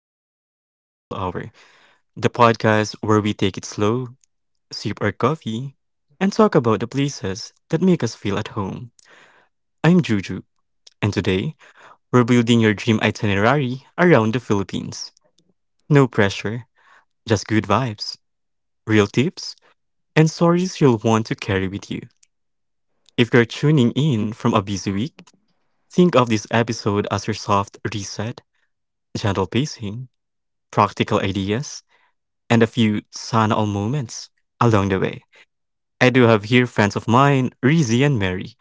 to Juju's Gentle Hour, the podcast where we take it slow, sip our coffee, and talk about the places that make us feel at home. I'm Juju, and today we're building your dream itinerary around the Philippines. No pressure, just good vibes, real tips, and stories you'll want to carry with you. If you're tuning in from a busy week, think of this episode as your soft reset, gentle pacing, practical ideas and a few Sanal moments along the way. I do have here friends of mine, Rizzi and Mary,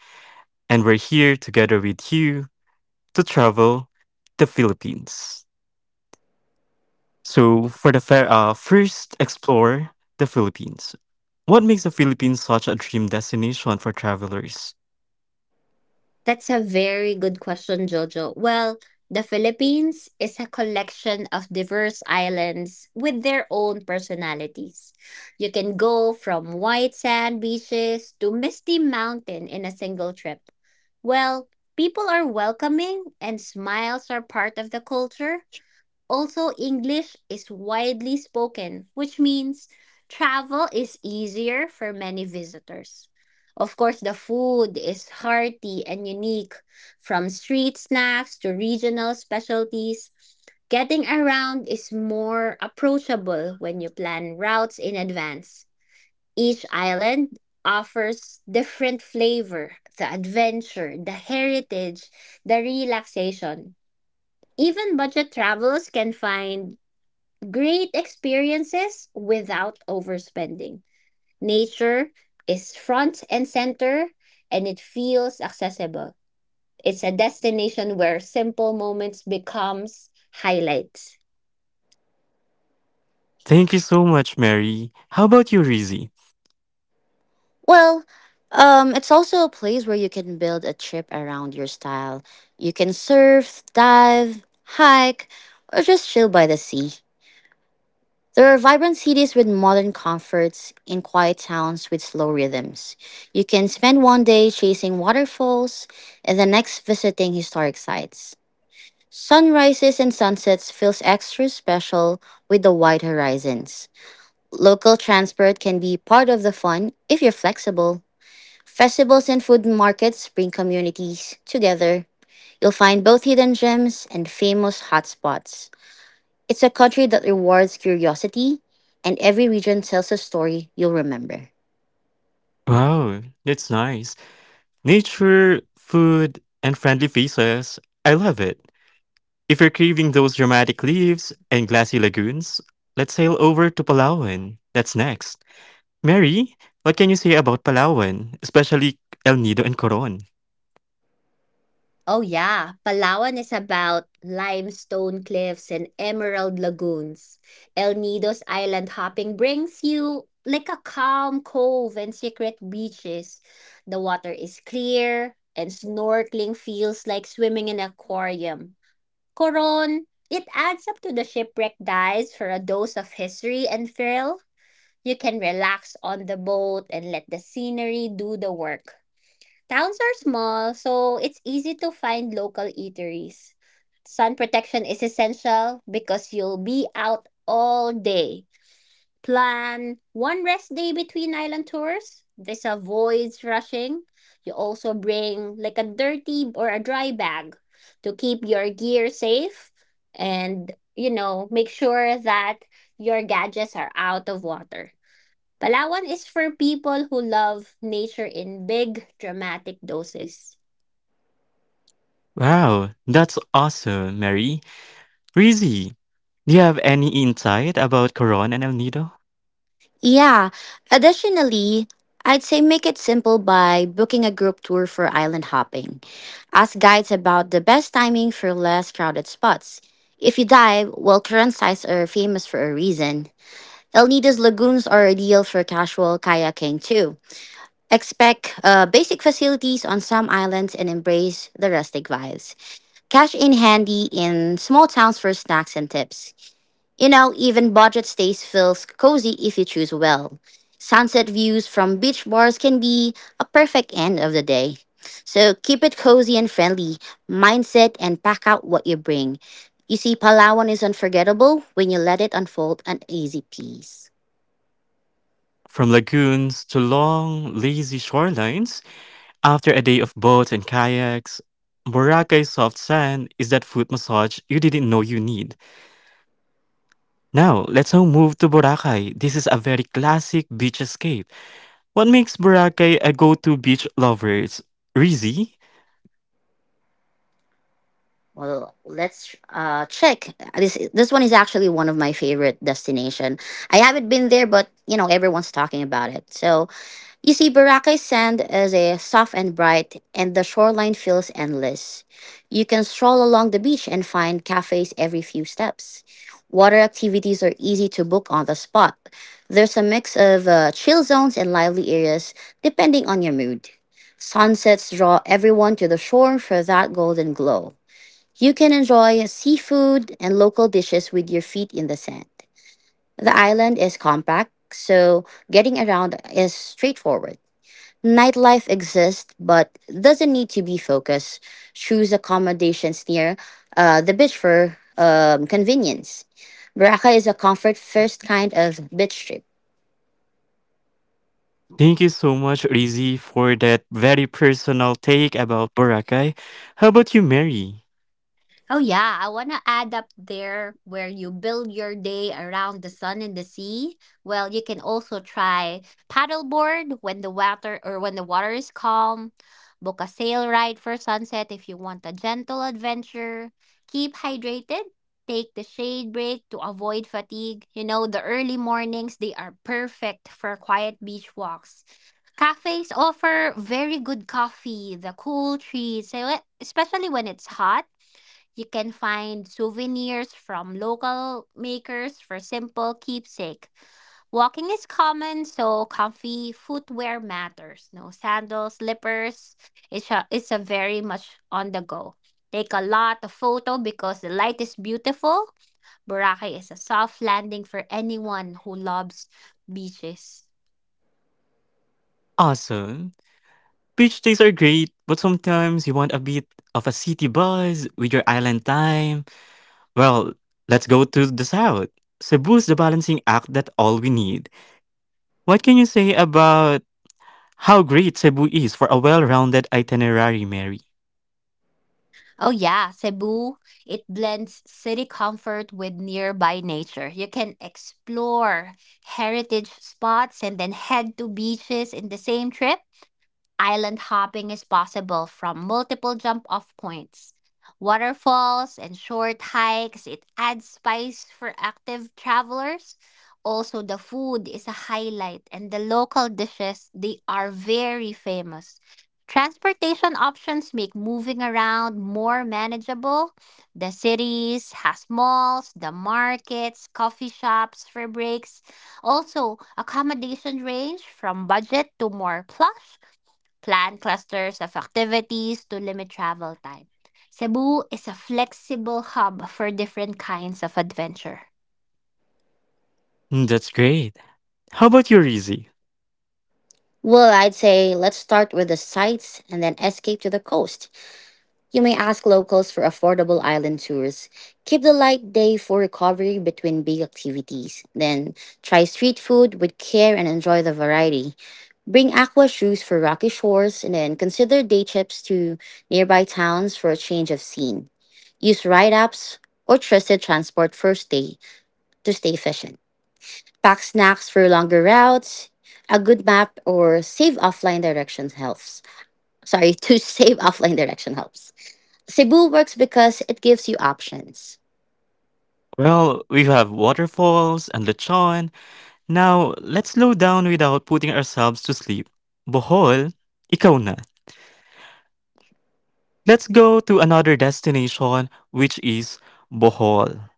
and we're here together with you to travel the Philippines. So, for the first, explore the Philippines. What makes the Philippines such a dream destination for travelers? That's a very good question, Jojo. Well, the Philippines is a collection of diverse islands with their own personalities. You can go from white sand beaches to misty mountain in a single trip. Well, people are welcoming and smiles are part of the culture. Also, English is widely spoken, which means travel is easier for many visitors. Of course, the food is hearty and unique, from street snacks to regional specialties. Getting around is more approachable when you plan routes in advance. Each island offers different flavor, the adventure, the heritage, the relaxation, even budget travelers can find great experiences without overspending. Nature is front and center and it feels accessible. It's a destination where simple moments becomes highlights. Thank you so much, Mary. How about you, Rizzi? Well, it's also a place where you can build a trip around your style. You can surf, dive, hike, or just chill by the sea. There are vibrant cities with modern comforts and quiet towns with slow rhythms. You can spend one day chasing waterfalls and the next visiting historic sites. Sunrises and sunsets feels extra special with the wide horizons. Local transport can be part of the fun if you're flexible. Festivals and food markets bring communities together. You'll find both hidden gems and famous hotspots. It's a country that rewards curiosity, and every region tells a story you'll remember. Wow, that's nice. Nature, food, and friendly faces. I love it. If you're craving those dramatic leaves and glassy lagoons, let's sail over to Palawan. That's next. Mary, what can you say about Palawan, especially El Nido and Coron? Oh yeah, Palawan is about limestone cliffs and emerald lagoons. El Nido's island hopping brings you like a calm cove and secret beaches. The water is clear and snorkeling feels like swimming in an aquarium. Coron, it adds up to the shipwreck dives for a dose of history and thrill. You can relax on the boat and let the scenery do the work. Towns are small, so it's easy to find local eateries. Sun protection is essential because you'll be out all day. Plan one rest day between island tours. This avoids rushing. You also bring like a dirty or a dry bag to keep your gear safe and, make sure that your gadgets are out of water. Palawan is for people who love nature in big, dramatic doses. Wow, that's awesome, Mary. Rizzy, do you have any insight about Coron and El Nido? Yeah, additionally, I'd say make it simple by booking a group tour for island hopping. Ask guides about the best timing for less crowded spots. If you dive, well, current sites are famous for a reason. El Nido's lagoons are ideal for casual kayaking too. Expect basic facilities on some islands and embrace the rustic vibes. Cash in handy in small towns for snacks and tips. You know, even budget stays feels cozy if you choose well. Sunset views from beach bars can be a perfect end of the day. So keep it cozy and friendly, mindset, and pack out what you bring. You see, Palawan is unforgettable when you let it unfold an easy piece. From lagoons to long, lazy shorelines, after a day of boats and kayaks, Boracay's soft sand is that foot massage you didn't know you need. Now, let's now move to Boracay. This is a very classic beach escape. What makes Boracay a go-to beach lover is Rizzy. Well, let's check. This one is actually one of my favorite destination. I haven't been there, but you know everyone's talking about it. So you see, Boracay sand is a soft and bright, and the shoreline feels endless. You can stroll along the beach and find cafes every few steps. Water activities are easy to book on the spot. There's a mix of chill zones and lively areas depending on your mood. Sunsets draw everyone to the shore for that golden glow. You can enjoy seafood and local dishes with your feet in the sand. The island is compact, so getting around is straightforward. Nightlife exists but doesn't need to be focused. Choose accommodations near the beach for convenience. Baraka is a comfort first kind of beach trip. Thank you so much, Rizzy, for that very personal take about Boracay. How about you, Mary? Oh yeah, I want to add up there where you build your day around the sun and the sea. Well, you can also try paddleboard when the water is calm. Book a sail ride for sunset if you want a gentle adventure. Keep hydrated. Take the shade break to avoid fatigue. You know, the early mornings they are perfect for quiet beach walks. Cafes offer very good coffee, the cool treats, so, especially when it's hot you can find souvenirs from local makers for simple keepsake. Walking is common, so comfy footwear matters. No sandals, slippers. It's a very much on the go. Take a lot of photo because the light is beautiful. Boracay is a soft landing for anyone who loves beaches. 아순. Beach days are great, but sometimes you want a bit of a city buzz with your island time. Well, let's go to the south. Cebu's the balancing act that all we need. What can you say about how great Cebu is for a well-rounded itinerary, Mary? Oh yeah, Cebu, it blends city comfort with nearby nature. You can explore heritage spots and then head to beaches in the same trip. Island hopping is possible from multiple jump off points, waterfalls, and short hikes. It adds spice for active travelers. Also, the food is a highlight, and the local dishes, they are very famous. Transportation options make moving around more manageable. The cities has malls, the markets, coffee shops for breaks. Also, accommodation range from budget to more plush. Plan clusters of activities to limit travel time. Cebu is a flexible hub for different kinds of adventure. Mm, that's great. How about your Izzy? Well, I'd say let's start with the sights and then escape to the coast. You may ask locals for affordable island tours. Keep the light day for recovery between big activities. Then try street food with care and enjoy the variety. Bring aqua shoes for rocky shores and then consider day trips to nearby towns for a change of scene. Use ride apps or trusted transport for stay efficient. Pack snacks for longer routes. A good map or save offline directions helps. Sorry, to save offline direction helps. Cebu works because it gives you options. Well, we have waterfalls and lechon. Now, let's slow down without putting ourselves to sleep. Bohol, ikaw na. Let's go to another destination, which is Bohol.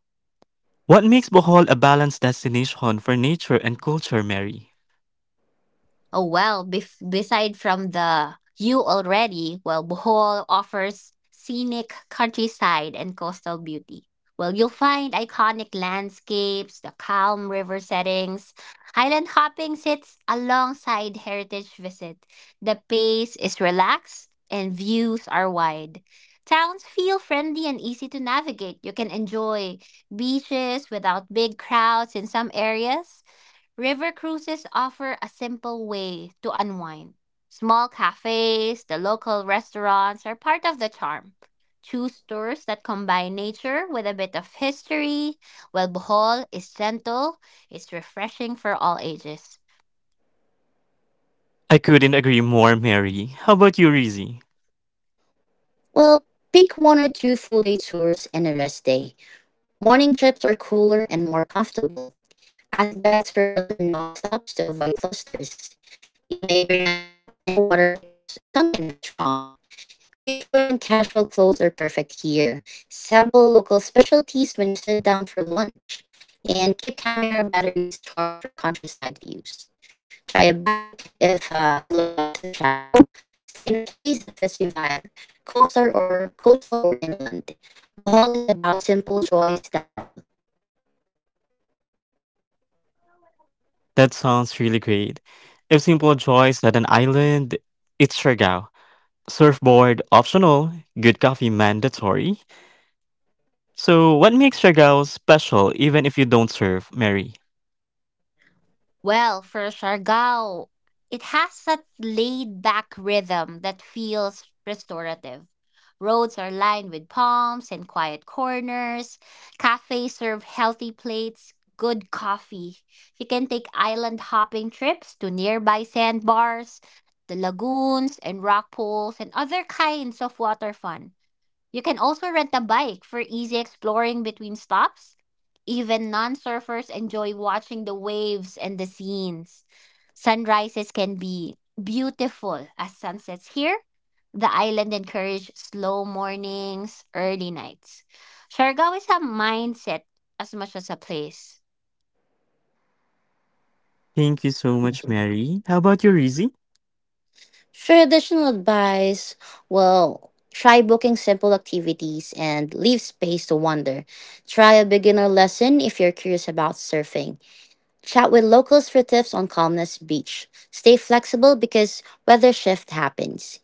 What makes Bohol a balanced destination for nature and culture, Mary? Oh well, beside from the you already, well, Bohol offers scenic countryside and coastal beauty. Well, you'll find iconic landscapes, the calm river settings. Highland hopping sits alongside heritage visit. The pace is relaxed and views are wide. Towns feel friendly and easy to navigate. You can enjoy beaches without big crowds in some areas. River cruises offer a simple way to unwind. Small cafes, the local restaurants are part of the charm. Choose tours that combine nature with a bit of history, while Bohol is gentle, it's refreshing for all ages. I couldn't agree more, Mary. How about you, Rizzy? Well, pick one or two full day tours and a rest day. Morning trips are cooler and more comfortable. Ask guides for lesser known stops to avoid clusters. You may bring a hat and a water because sun can be strong. Beachwear and casual clothes are perfect here. Sample local specialties when you sit down for lunch. And keep camera batteries charged for countryside views. Try a bike if you like active travel. Stay in a place that fits your vibe, coastal or inland. Bohol is about simple joys done well. That sounds really great. If simple choice at an island, it's Siargao. Surfboard optional, good coffee mandatory. So, what makes Siargao special even if you don't surf, Mary? Well, for Siargao, it has that laid back rhythm that feels restorative. Roads are lined with palms and quiet corners. Cafes serve healthy plates, good coffee. You can take island hopping trips to nearby sandbars, the lagoons and rock pools, and other kinds of water fun. You can also rent a bike for easy exploring between stops. Even non surfers enjoy watching the waves and the scenes. Sunrises can be beautiful as sunsets here. The island encourages slow mornings, early nights. Siargao is a mindset as much as a place. Thank you so much, Mary. How about you, Rizzy? For additional advice, well, try booking simple activities and leave space to wonder. Try a beginner lesson if you're curious about surfing. Chat with locals for tips on calmness beach. Stay flexible because weather shift happens.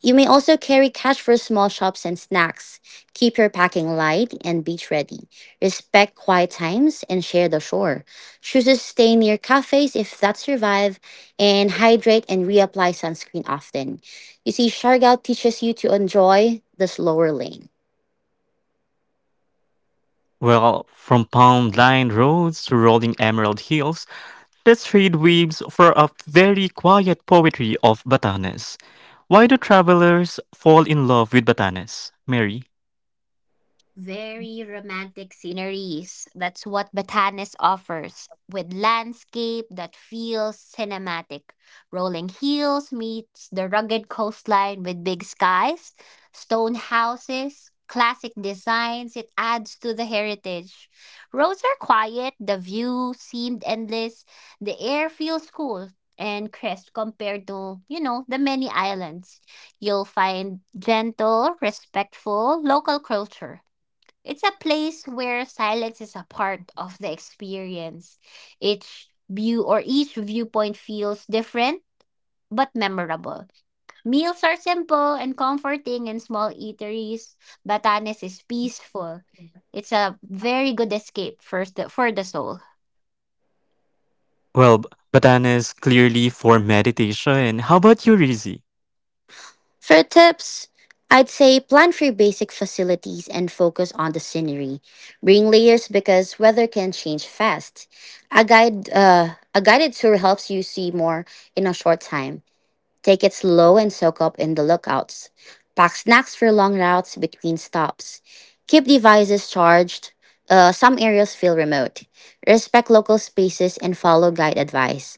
You may also carry cash for small shops and snacks. Keep your packing light and beach ready. Respect quiet times and share the shore. Choose to stay near cafes if that survive, and hydrate and reapply sunscreen often. You see, Shargout teaches you to enjoy the slower lane. Well, from palm lined roads to rolling emerald hills, the street weaves for a very quiet poetry of Batanes. Why do travelers fall in love with Batanes, Mary? Very romantic sceneries. That's what Batanes offers, with landscape that feels cinematic. Rolling hills meets the rugged coastline with big skies, stone houses, classic designs. It adds to the heritage. Roads are quiet, the view seemed endless, the air feels cool and crisp compared to, you know, the many islands. You'll find gentle, respectful local culture, it's a place where silence is a part of the experience. Each viewpoint feels different but memorable. Meals are simple and comforting in small eateries. Batanes is peaceful. It's a very good escape for the soul. Well, Batanes clearly for meditation. How about you, Rizzy? For tips, I'd say plan for your basic facilities and focus on the scenery. Bring layers because weather can change fast. A guided tour helps you see more in a short time. Take it slow and soak up in the lookouts. Pack snacks for long routes between stops. Keep devices charged. Some areas feel remote. Respect local spaces and follow guide advice.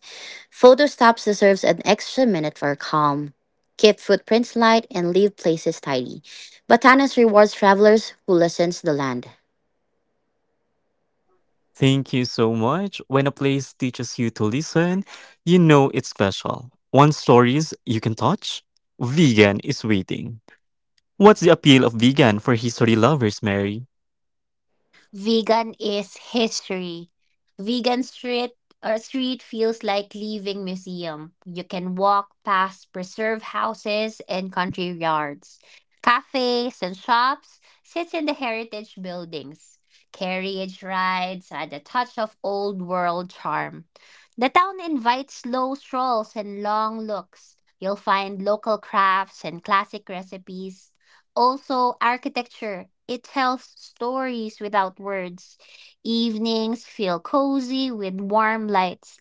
Photo stops deserves an extra minute for calm. Keep footprints light and leave places tidy. Batanes rewards travelers who listens to the land. Thank you so much. When a place teaches you to listen, you know it's special. One stories you can touch. Vegan is waiting. What's the appeal of vegan for history lovers, Mary? Vegan is history. Vegan street or street feels like leaving museum. You can walk past preserve houses and country yards. Cafes and shops sit in the heritage buildings. Carriage rides add a touch of old world charm. The town invites slow strolls and long looks. You'll find local crafts and classic recipes. Also, architecture. It tells stories without words. Evenings feel cozy with warm lights.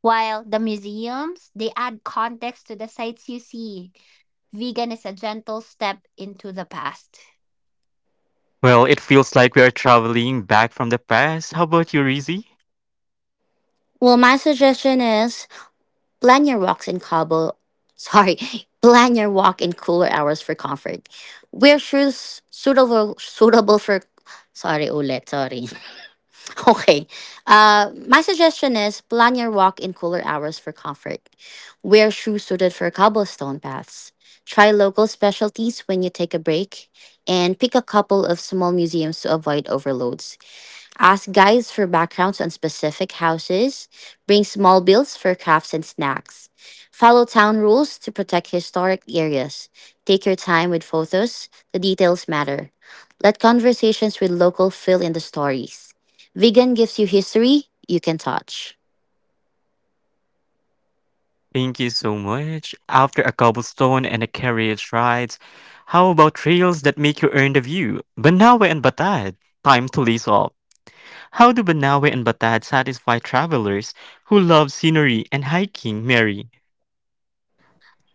While the museums, they add context to the sights you see. Vegan is a gentle step into the past. Well, it feels like we are traveling back from the past. How about you, Rizzy? Well, my suggestion is plan your walks in Cabo. Sorry, plan your walk in cooler hours for comfort. Wear shoes suitable suitable for. Sorry, ulit. Sorry. Okay. My suggestion is plan your walk in cooler hours for comfort. Wear shoes suited for cobblestone paths. Try local specialties when you take a break, and pick a couple of small museums to avoid overloads. Ask guides for backgrounds on specific houses. Bring small bills for crafts and snacks. Follow town rules to protect historic areas. Take your time with photos. The details matter. Let conversations with local fill in the stories. Vegan gives you history you can touch. Thank you so much. After a cobblestone and a carriage rides, how about trails that make you earn the view? Banawe and Batad. Time to lace up. How do Banawe and Batad satisfy travelers who love scenery and hiking, Mary?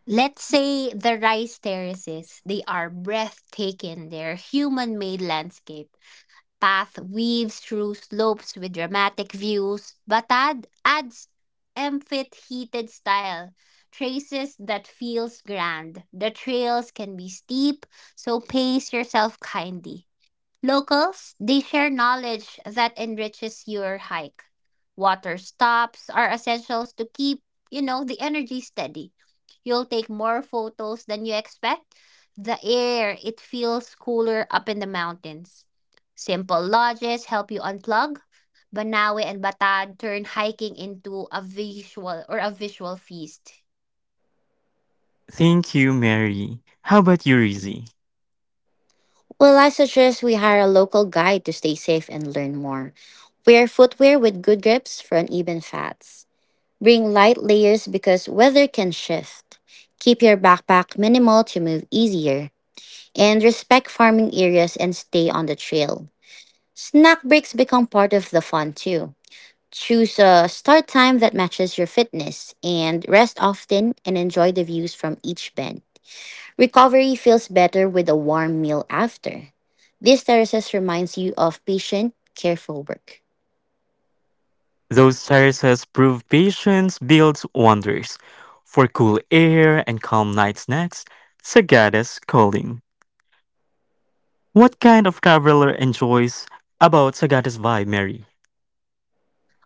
Let's say the rice terraces. They are breathtaking. They're human made landscape. Path weaves through slopes with dramatic views. Batad adds emphatic style, traces that feels grand. The trails can be steep, so pace yourself kindly. Locals, they share knowledge that enriches your hike. Water stops are essentials to keep, the energy steady. You'll take more photos than you expect. The air, it feels cooler up in the mountains. Simple lodges help you unplug. Banawe and Batad turn hiking into a visual feast. Thank you, Mary. How about you, Rizzy? Well, I suggest we hire a local guide to stay safe and learn more. Wear footwear with good grips for uneven fats. Bring light layers because weather can shift. Keep your backpack minimal to move easier. And respect farming areas and stay on the trail. Snack breaks become part of the fun too. Choose a start time that matches your fitness and rest often and enjoy the views from each bend. Recovery feels better with a warm meal after. These terraces reminds you of patient, careful work. Those terraces prove patience builds wonders. For cool air and calm night snacks, Sagada's calling. What kind of traveler enjoys about Sagada's vibe, Mary?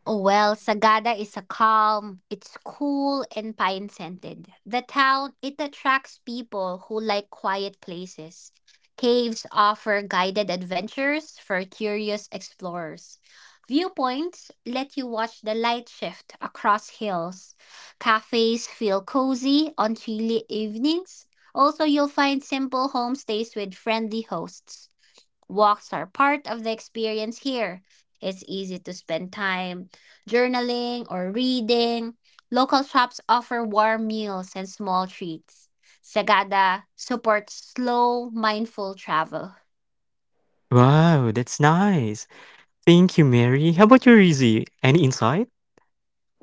Oh, Well, Sagada is a calm, it's cool and pine scented. The town, it attracts people who like quiet places. Caves offer guided adventures for curious explorers. Viewpoints let you watch the light shift across hills. Cafes feel cozy on chilly evenings. Also, you'll find simple homestays with friendly hosts. Walks are part of the experience here. It's easy to spend time journaling or reading. Local shops offer warm meals and small treats. Sagada supports slow, mindful travel. Wow, that's nice. Thank you, Mary. How about you, Rizzy? Any insight?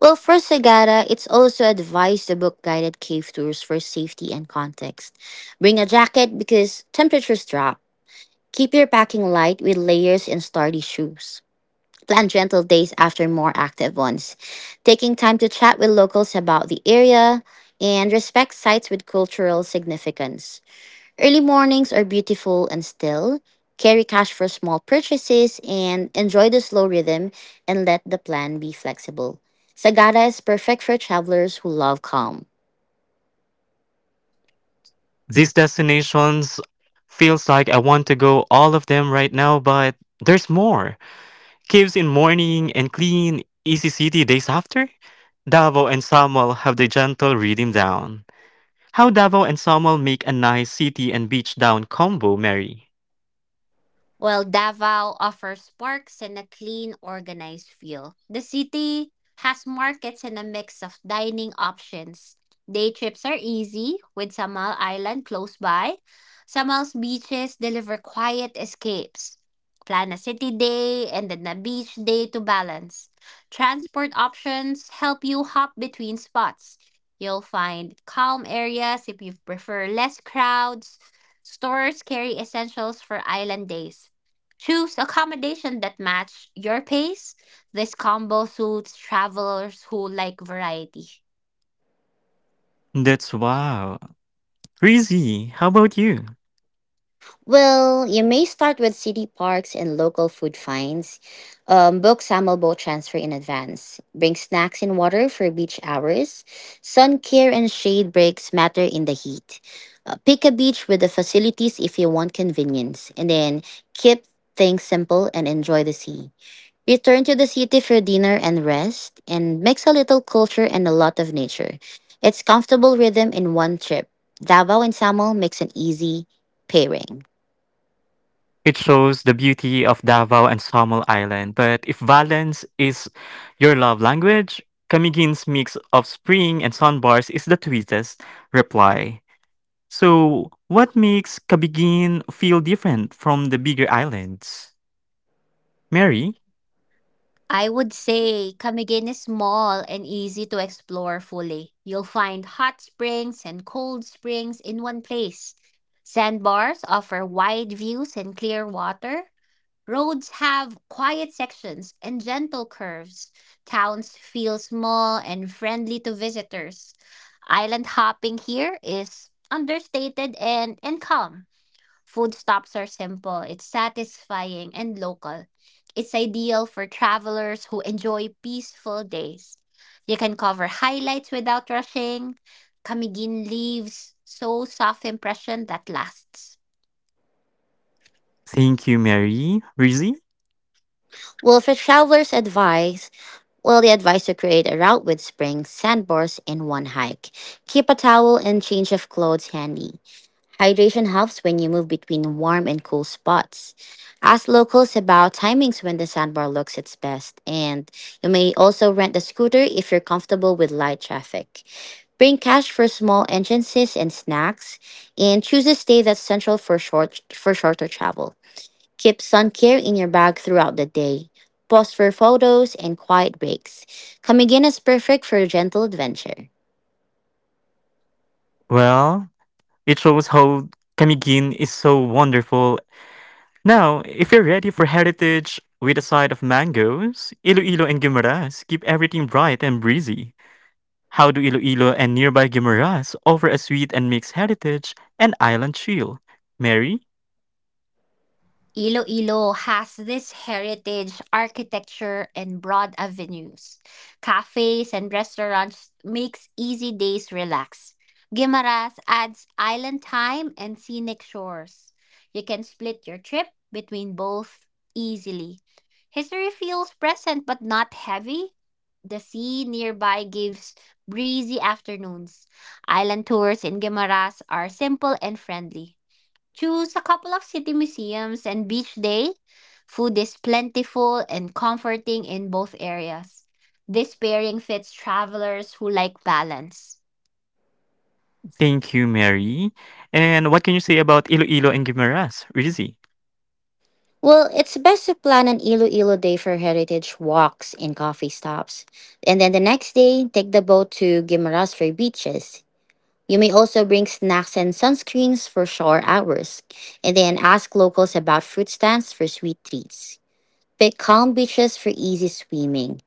Well, for Sagara, it's also advised to book guided cave tours for safety and context. Bring a jacket because temperatures drop. Keep your packing light with layers and sturdy shoes. Plan gentle days after more active ones, taking time to chat with locals about the area and respect sites with cultural significance. Early mornings are beautiful and still. Carry cash for small purchases and enjoy the slow rhythm and let the plan be flexible. Sagada is perfect for travelers who love calm. These destinations feels like I want to go all of them right now, but there's more. Caves in morning and clean, easy city days after. Davao and Samuel have the gentle rhythm down. How Davao and Samuel make a nice city and beach down combo, Mary. Well, Davao offers parks and a clean, organized feel. The city has markets and a mix of dining options. Day trips are easy with Samal Island close by. Samal's beaches deliver quiet escapes. Plan a city day and then a beach day to balance. Transport options help you hop between spots. You'll find calm areas if you prefer less crowds. Stores carry essentials for island days. Choose accommodation that match your pace. This combo suits travelers who like variety. That's wow. Rizzy, how about you? Well, you may start with city parks and local food finds. Book Samal boat transfer in advance. Bring snacks and water for beach hours. Sun care and shade breaks matter in the heat. Pick a beach with the facilities if you want convenience, and then keep things simple and enjoy the sea. Return to the city for dinner and rest, and mix a little culture and a lot of nature. It's comfortable rhythm in one trip. Davao and Samal makes an easy pairing. It shows the beauty of Davao and Samul Island. But if balance is your love language, Kamigin's mix of spring and sandbars is the sweetest reply. So, what makes Kabigin feel different from the bigger islands? Mary? I would say Camiguin is small and easy to explore fully. You'll find hot springs and cold springs in one place. Sandbars offer wide views and clear water. Roads have quiet sections and gentle curves. Towns feel small and friendly to visitors. Island hopping here is understated and calm. Food stops are simple, it's satisfying and local. It's ideal for travelers who enjoy peaceful days. You can cover highlights without rushing. Kamigin leaves so soft impression that lasts. Thank you, Mary. Rizzy? Well, for travelers' advice, well, the advice to create a route with springs, sandbars, and one hike. Keep a towel and change of clothes handy. Hydration helps when you move between warm and cool spots. Ask locals about timings when the sandbar looks its best, and you may also rent a scooter if you're comfortable with light traffic. Bring cash for small entrances and snacks, and choose a stay that's central for shorter travel. Keep sun care in your bag throughout the day. Pause for photos and quiet breaks. Camiguin is perfect for gentle adventure. Well, it shows how Kamigin is so wonderful. Now, if you're ready for heritage with a side of mangoes, Iloilo and Guimaras keep everything bright and breezy. How do Iloilo and nearby Guimaras offer a sweet and mixed heritage and island chill? Mary? Iloilo has this heritage architecture and broad avenues. Cafes and restaurants makes easy days relax. Guimaras adds island time and scenic shores. You can split your trip between both easily. History feels present but not heavy. The sea nearby gives breezy afternoons. Island tours in Guimaras are simple and friendly. Choose a couple of city museums and beach day. Food is plentiful and comforting in both areas. This pairing fits travelers who like balance. Thank you, Mary. And what can you say about Iloilo and Guimaras, Rizzy? Well, it's best to plan an Iloilo day for heritage walks and coffee stops. And then the next day, take the boat to Guimaras for beaches. You may also bring snacks and sunscreens for shore hours. And then ask locals about fruit stands for sweet treats. Pick calm beaches for easy swimming.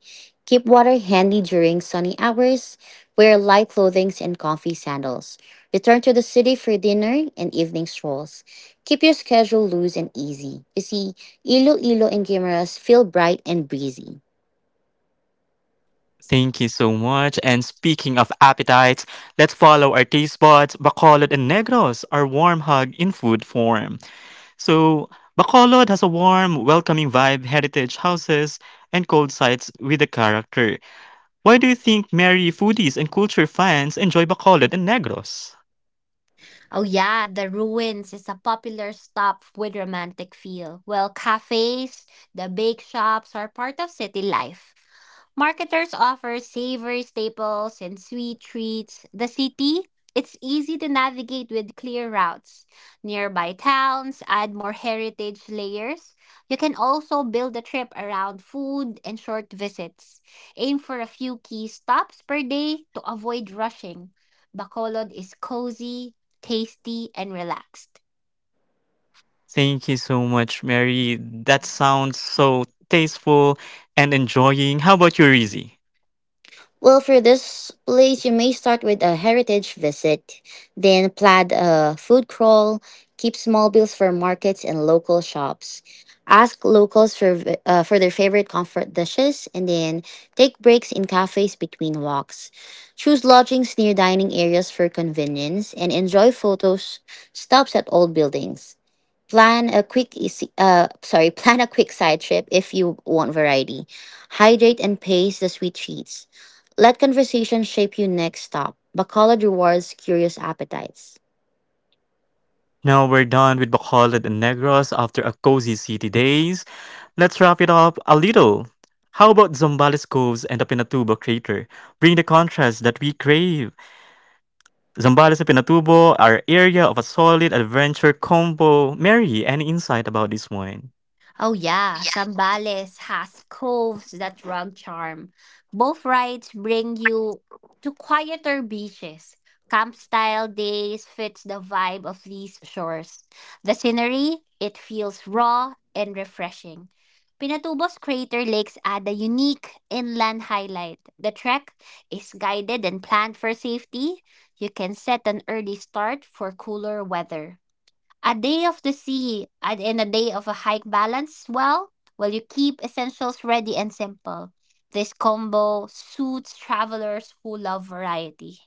Keep water handy during sunny hours. Wear light clothing and comfy sandals. Return to the city for dinner and evening strolls. Keep your schedule loose and easy. You see, Iloilo and Guimaras feel bright and breezy. Thank you so much. And speaking of appetites, let's follow our taste buds. Bacolod and Negros, our warm hug in food form. So, Bacolod has a warm, welcoming vibe, heritage houses, and cold sites with a character. Why do you think Mary foodies and culture fans enjoy Bacolod and Negros? Oh yeah, the ruins is a popular stop with romantic feel. Well, cafes, the bake shops are part of city life. Marketers offer savory staples and sweet treats. The city, it's easy to navigate with clear routes. Nearby towns add more heritage layers. You can also build a trip around food and short visits. Aim for a few key stops per day to avoid rushing. Bacolod is cozy, tasty, and relaxed. Thank you so much, Mary. That sounds so tasteful and enjoying. How about you, Rizzy? Well, for this place, you may start with a heritage visit, then plan a food crawl, keep small bills for markets and local shops, ask locals for their favorite comfort dishes, and then take breaks in cafes between walks. Choose lodgings near dining areas for convenience, and enjoy photos stops at old buildings. Plan a quick side trip if you want variety. Hydrate and pace the sweet treats. Let conversation shape your next stop. Bacolod rewards curious appetites. Now we're done with Bacolod and Negros after a cozy city days. Let's wrap it up a little. How about Zambales Coves and the Pinatubo Crater? Bring the contrast that we crave. Zambales and Pinatubo are area of a solid adventure combo. Mary, any insight about this one? Oh yeah, Sambales has coves that run charm. Both rides bring you to quieter beaches. Camp style days fits the vibe of these shores. The scenery, it feels raw and refreshing. Pinatubo's Crater Lakes add a unique inland highlight. The trek is guided and planned for safety. You can set an early start for cooler weather. A day of the sea and a day of a hike balance well while you keep essentials ready and simple. This combo suits travelers who love variety.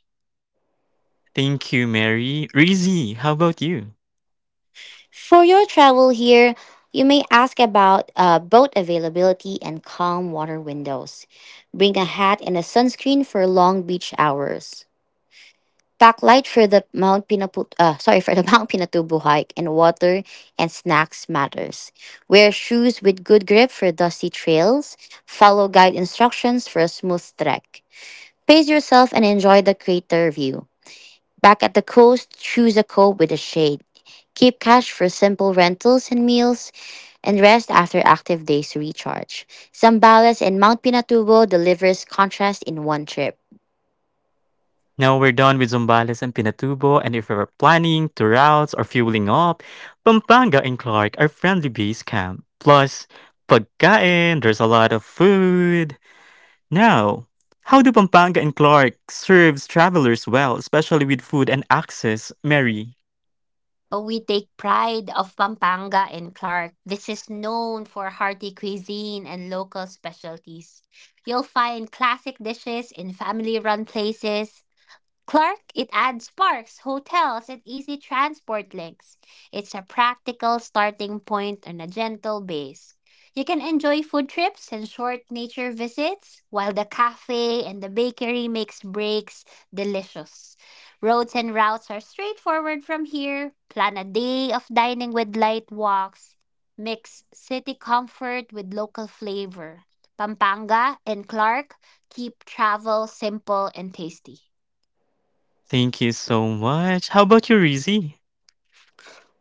Thank you, Mary. Rizzy, how about you? For your travel here, you may ask about boat availability and calm water windows. Bring a hat and a sunscreen for long beach hours. Backlight for the Mount Pinaput sorry for the Mount Pinatubo hike and water and snacks matters. Wear shoes with good grip for dusty trails. Follow guide instructions for a smooth trek. Pace yourself and enjoy the crater view. Back at the coast, choose a cove with a shade. Keep cash for simple rentals and meals and rest after active days to recharge. Zambales and Mount Pinatubo delivers contrast in one trip. Now we're done with Zambales and Pinatubo, and if you're planning to routes or fueling up, Pampanga and Clark are friendly base camp. Plus, pagkain, there's a lot of food. Now, how do Pampanga and Clark serves travelers well, especially with food and access, Mary? We take pride of Pampanga and Clark. This is known for hearty cuisine and local specialties. You'll find classic dishes in family-run places. Clark, it adds parks, hotels, and easy transport links. It's a practical starting point on a gentle base. You can enjoy food trips and short nature visits, while the cafe and the bakery makes breaks delicious. Roads and routes are straightforward from here. Plan a day of dining with light walks. Mix city comfort with local flavor. Pampanga and Clark keep travel simple and tasty. Thank you so much. How about you, Rizzy?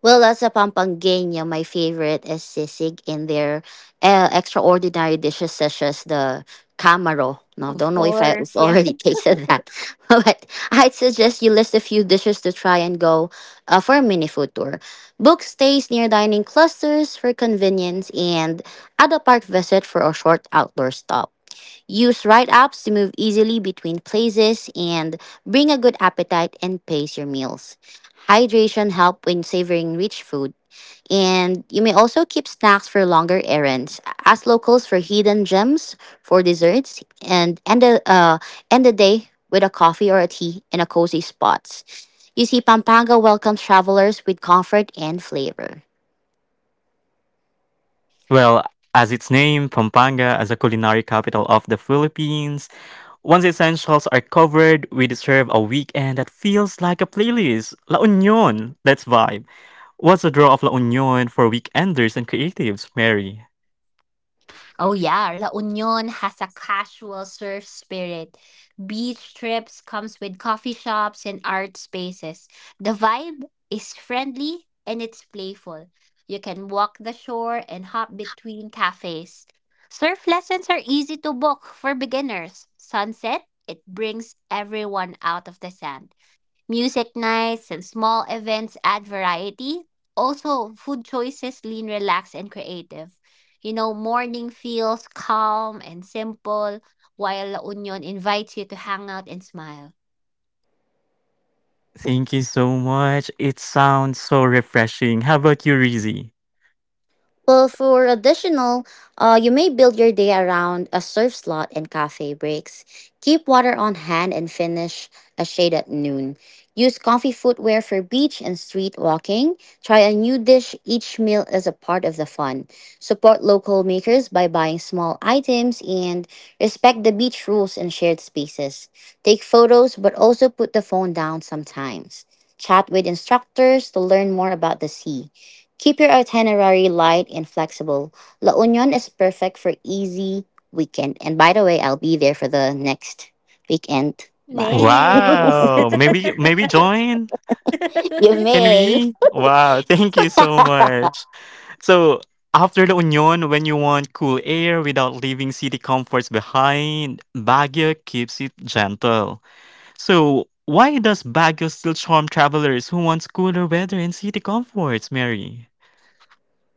Well, as a Pampangania, my favorite is sisig in their extraordinary dishes such as the camaro. Now, Of don't know if I've already tasted that, but I'd suggest you list a few dishes to try and go for a mini food tour. Book stays near dining clusters for convenience and add a park visit for a short outdoor stop. Use ride apps to move easily between places and bring a good appetite and pace your meals. Hydration help when savoring rich food. And you may also keep snacks for longer errands. Ask locals for hidden gems for desserts and end the day with a coffee or a tea in a cozy spot. You see, Pampanga welcomes travelers with comfort and flavor. Well, as its name, Pampanga as a culinary capital of the Philippines, once essentials are covered, we deserve a weekend that feels like a playlist. La Union, let's vibe. What's the draw of La Union for weekenders and creatives, Mary? oh yeah, La Union has a casual surf spirit. Beach trips comes with coffee shops and art spaces. The vibe is friendly and it's playful. You can walk the shore and hop between cafes. Surf lessons are easy to book for beginners. Sunset, it brings everyone out of the sand. Music nights and small events add variety. Also, food choices lean, relaxed, and creative. You know, morning feels calm and simple, while La Union invites you to hang out and smile. Thank you so much. It sounds so refreshing. How about you, Rizzy? Well, for additional, you may build your day around a surf slot and cafe breaks. Keep water on hand and finish a shade at noon. Use comfy footwear for beach and street walking. Try a new dish each meal is a part of the fun. Support local makers by buying small items and respect the beach rules and shared spaces. Take photos but also put the phone down sometimes. Chat with instructors to learn more about the sea. Keep your itinerary light and flexible. La Union is perfect for easy weekend. And by the way, I'll be there for the next weekend. Bye. Nice. Wow. Maybe join? you Can may. we? Wow, thank you so much. So after La Union, when you want cool air without leaving city comforts behind, Baguio keeps it gentle. So, why does Baguio still charm travelers who want cooler weather and city comforts, Mary?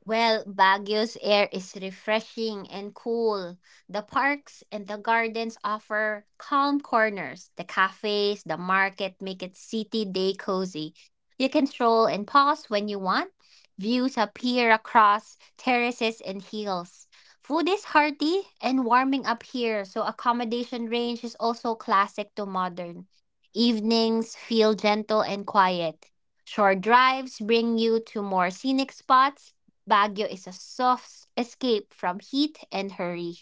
Well, Baguio's air is refreshing and cool. The parks and the gardens offer calm corners. The cafes, the market make it city day cozy. You can stroll and pause when you want. Views appear across terraces and hills. Food is hearty and warming up here, so accommodation range is also classic to modern. Evenings feel gentle and quiet. Short drives bring you to more scenic spots. Baguio is a soft escape from heat and hurry.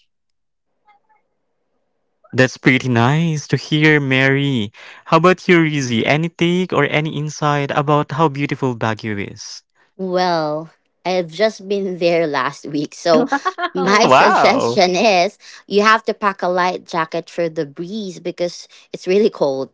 That's pretty nice to hear, Mary. How about you, Rizzy? Any take or any insight about how beautiful Baguio is? Well, I've just been there last week, so Oh, my Wow! suggestion is you have to pack a light jacket for the breeze because it's really cold.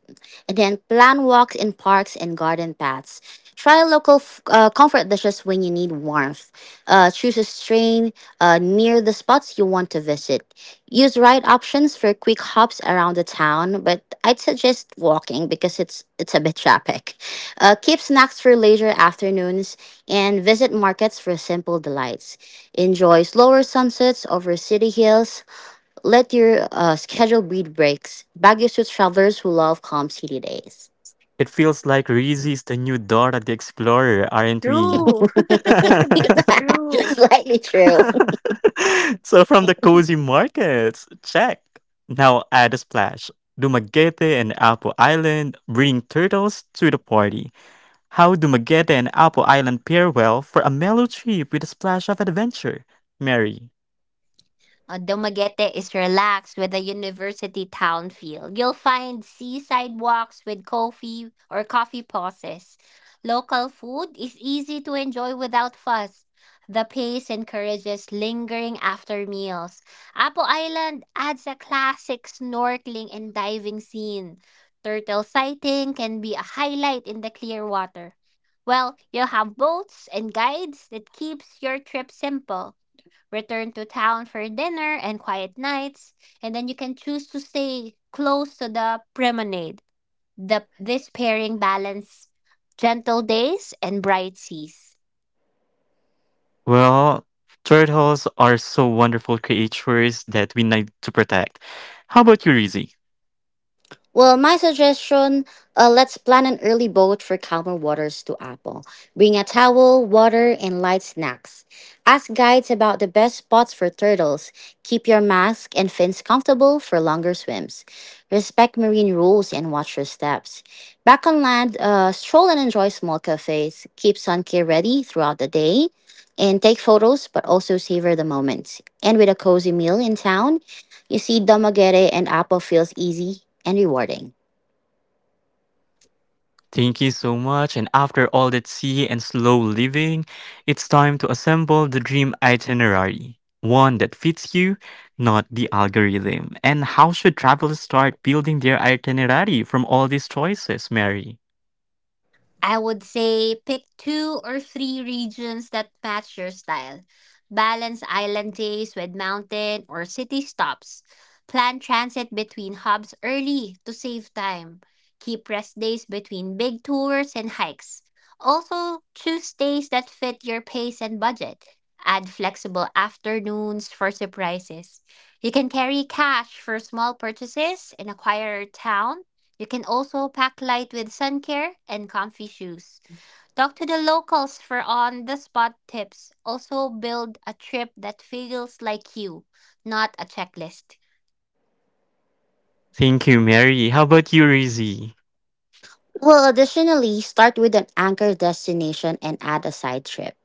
And then plan walks in parks and garden paths. Try comfort dishes when you need warmth. Choose a train near the spots you want to visit. Use ride options for quick hops around the town, but I'd suggest walking because it's a bit traffic. Keep snacks for later afternoons and visit markets for simple delights. Enjoy slower sunsets over city hills. Let your schedule breed breaks. Baguio suits travelers who love calm city days. It feels like Rizzy is the new Dora the Explorer, aren't we? true. Slightly true. So from the cozy markets, check. Now add a splash. Dumaguete and Apo Island bring turtles to the party. How do Magetta and Apple Island pair well for a mellow trip with a splash of adventure? Mary. Dumaguete is relaxed with a university town feel. You'll find seaside walks with coffee pauses. Local food is easy to enjoy without fuss. The pace encourages lingering after meals. Apo Island adds a classic snorkeling and diving scene. Turtle sighting can be a highlight in the clear water. Well, you'll have boats and guides that keeps your trip simple, return to town for dinner and quiet nights, and then you can choose to stay close to the promenade. The this pairing balance gentle days and bright seas. Well, turtles are so wonderful creatures that we need to protect. How about you, Rizzy? Well, my suggestion Let's plan an early boat for calmer waters to Apple. Bring a towel, water, and light snacks. Ask guides about the best spots for turtles. Keep your mask and fins comfortable for longer swims. Respect marine rules and watch your steps. Back on land, stroll and enjoy small cafes. Keep sun care ready throughout the day and take photos, but also savor the moments. And with a cozy meal in town, you see, damagere and apple feels easy and rewarding. Thank you so much. And after all that sea and slow living, it's time to assemble the dream itinerary. One that fits you, not the algorithm. And how should travelers start building their itinerary from all these choices, Mary? I would say pick two or three regions that match your style. Balance island days with mountain or city stops. Plan transit between hubs early to save time. Keep rest days between big tours and hikes. Also, choose days that fit your pace and budget. Add flexible afternoons for surprises. You can carry cash for small purchases in a quieter town, you can also pack light with sun care and comfy shoes. Talk to the locals for on the spot tips. Also, build a trip that feels like you, not a checklist. Thank you, Mary. How about you, Rizzy? Well, additionally, start with an anchor destination and add a side trip.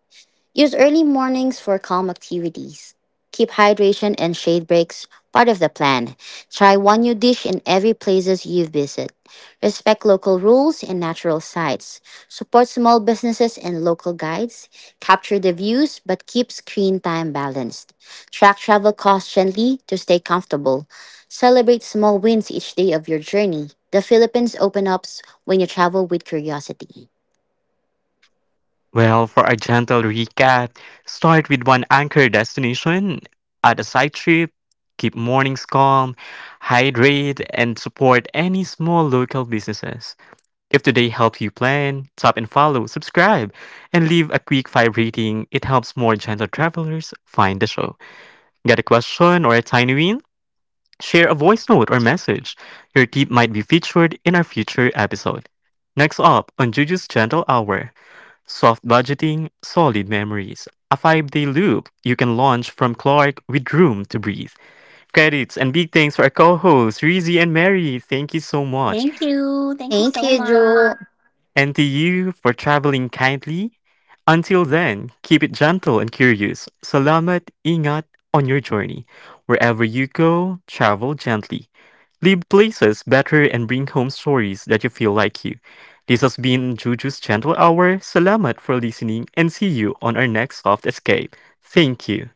Use early mornings for calm activities. Keep hydration and shade breaks part of the plan. Try one new dish in every places you visit. Respect local rules and natural sites. Support small businesses and local guides. Capture the views but keep screen time balanced. Track travel costs gently to stay comfortable. Celebrate small wins each day of your journey. The Philippines open ups when you travel with curiosity. Well, for a gentle recap, start with one anchor destination, add a side trip, keep mornings calm, hydrate, and support any small local businesses. If today helped you plan, tap and follow, subscribe, and leave a quick five rating. It helps more gentle travelers find the show. Got a question or a tiny win? Share a voice note or message. Your tip might be featured in our future episode. Next up on Juju's Gentle Hour, soft budgeting, solid memories. A 5-day loop you can launch from Clark with room to breathe. Credits and big thanks for our co hosts, Rizzy and Mary. Thank you so much. Thank you. Thank you Thank so you, much. Jewel. And to you for traveling kindly. Until then, keep it gentle and curious. Salamat, ingat on your journey. Wherever you go, travel gently. Leave places better and bring home stories that you feel like you. This has been Juju's Gentle Hour. Salamat for listening and see you on our next soft escape. Thank you.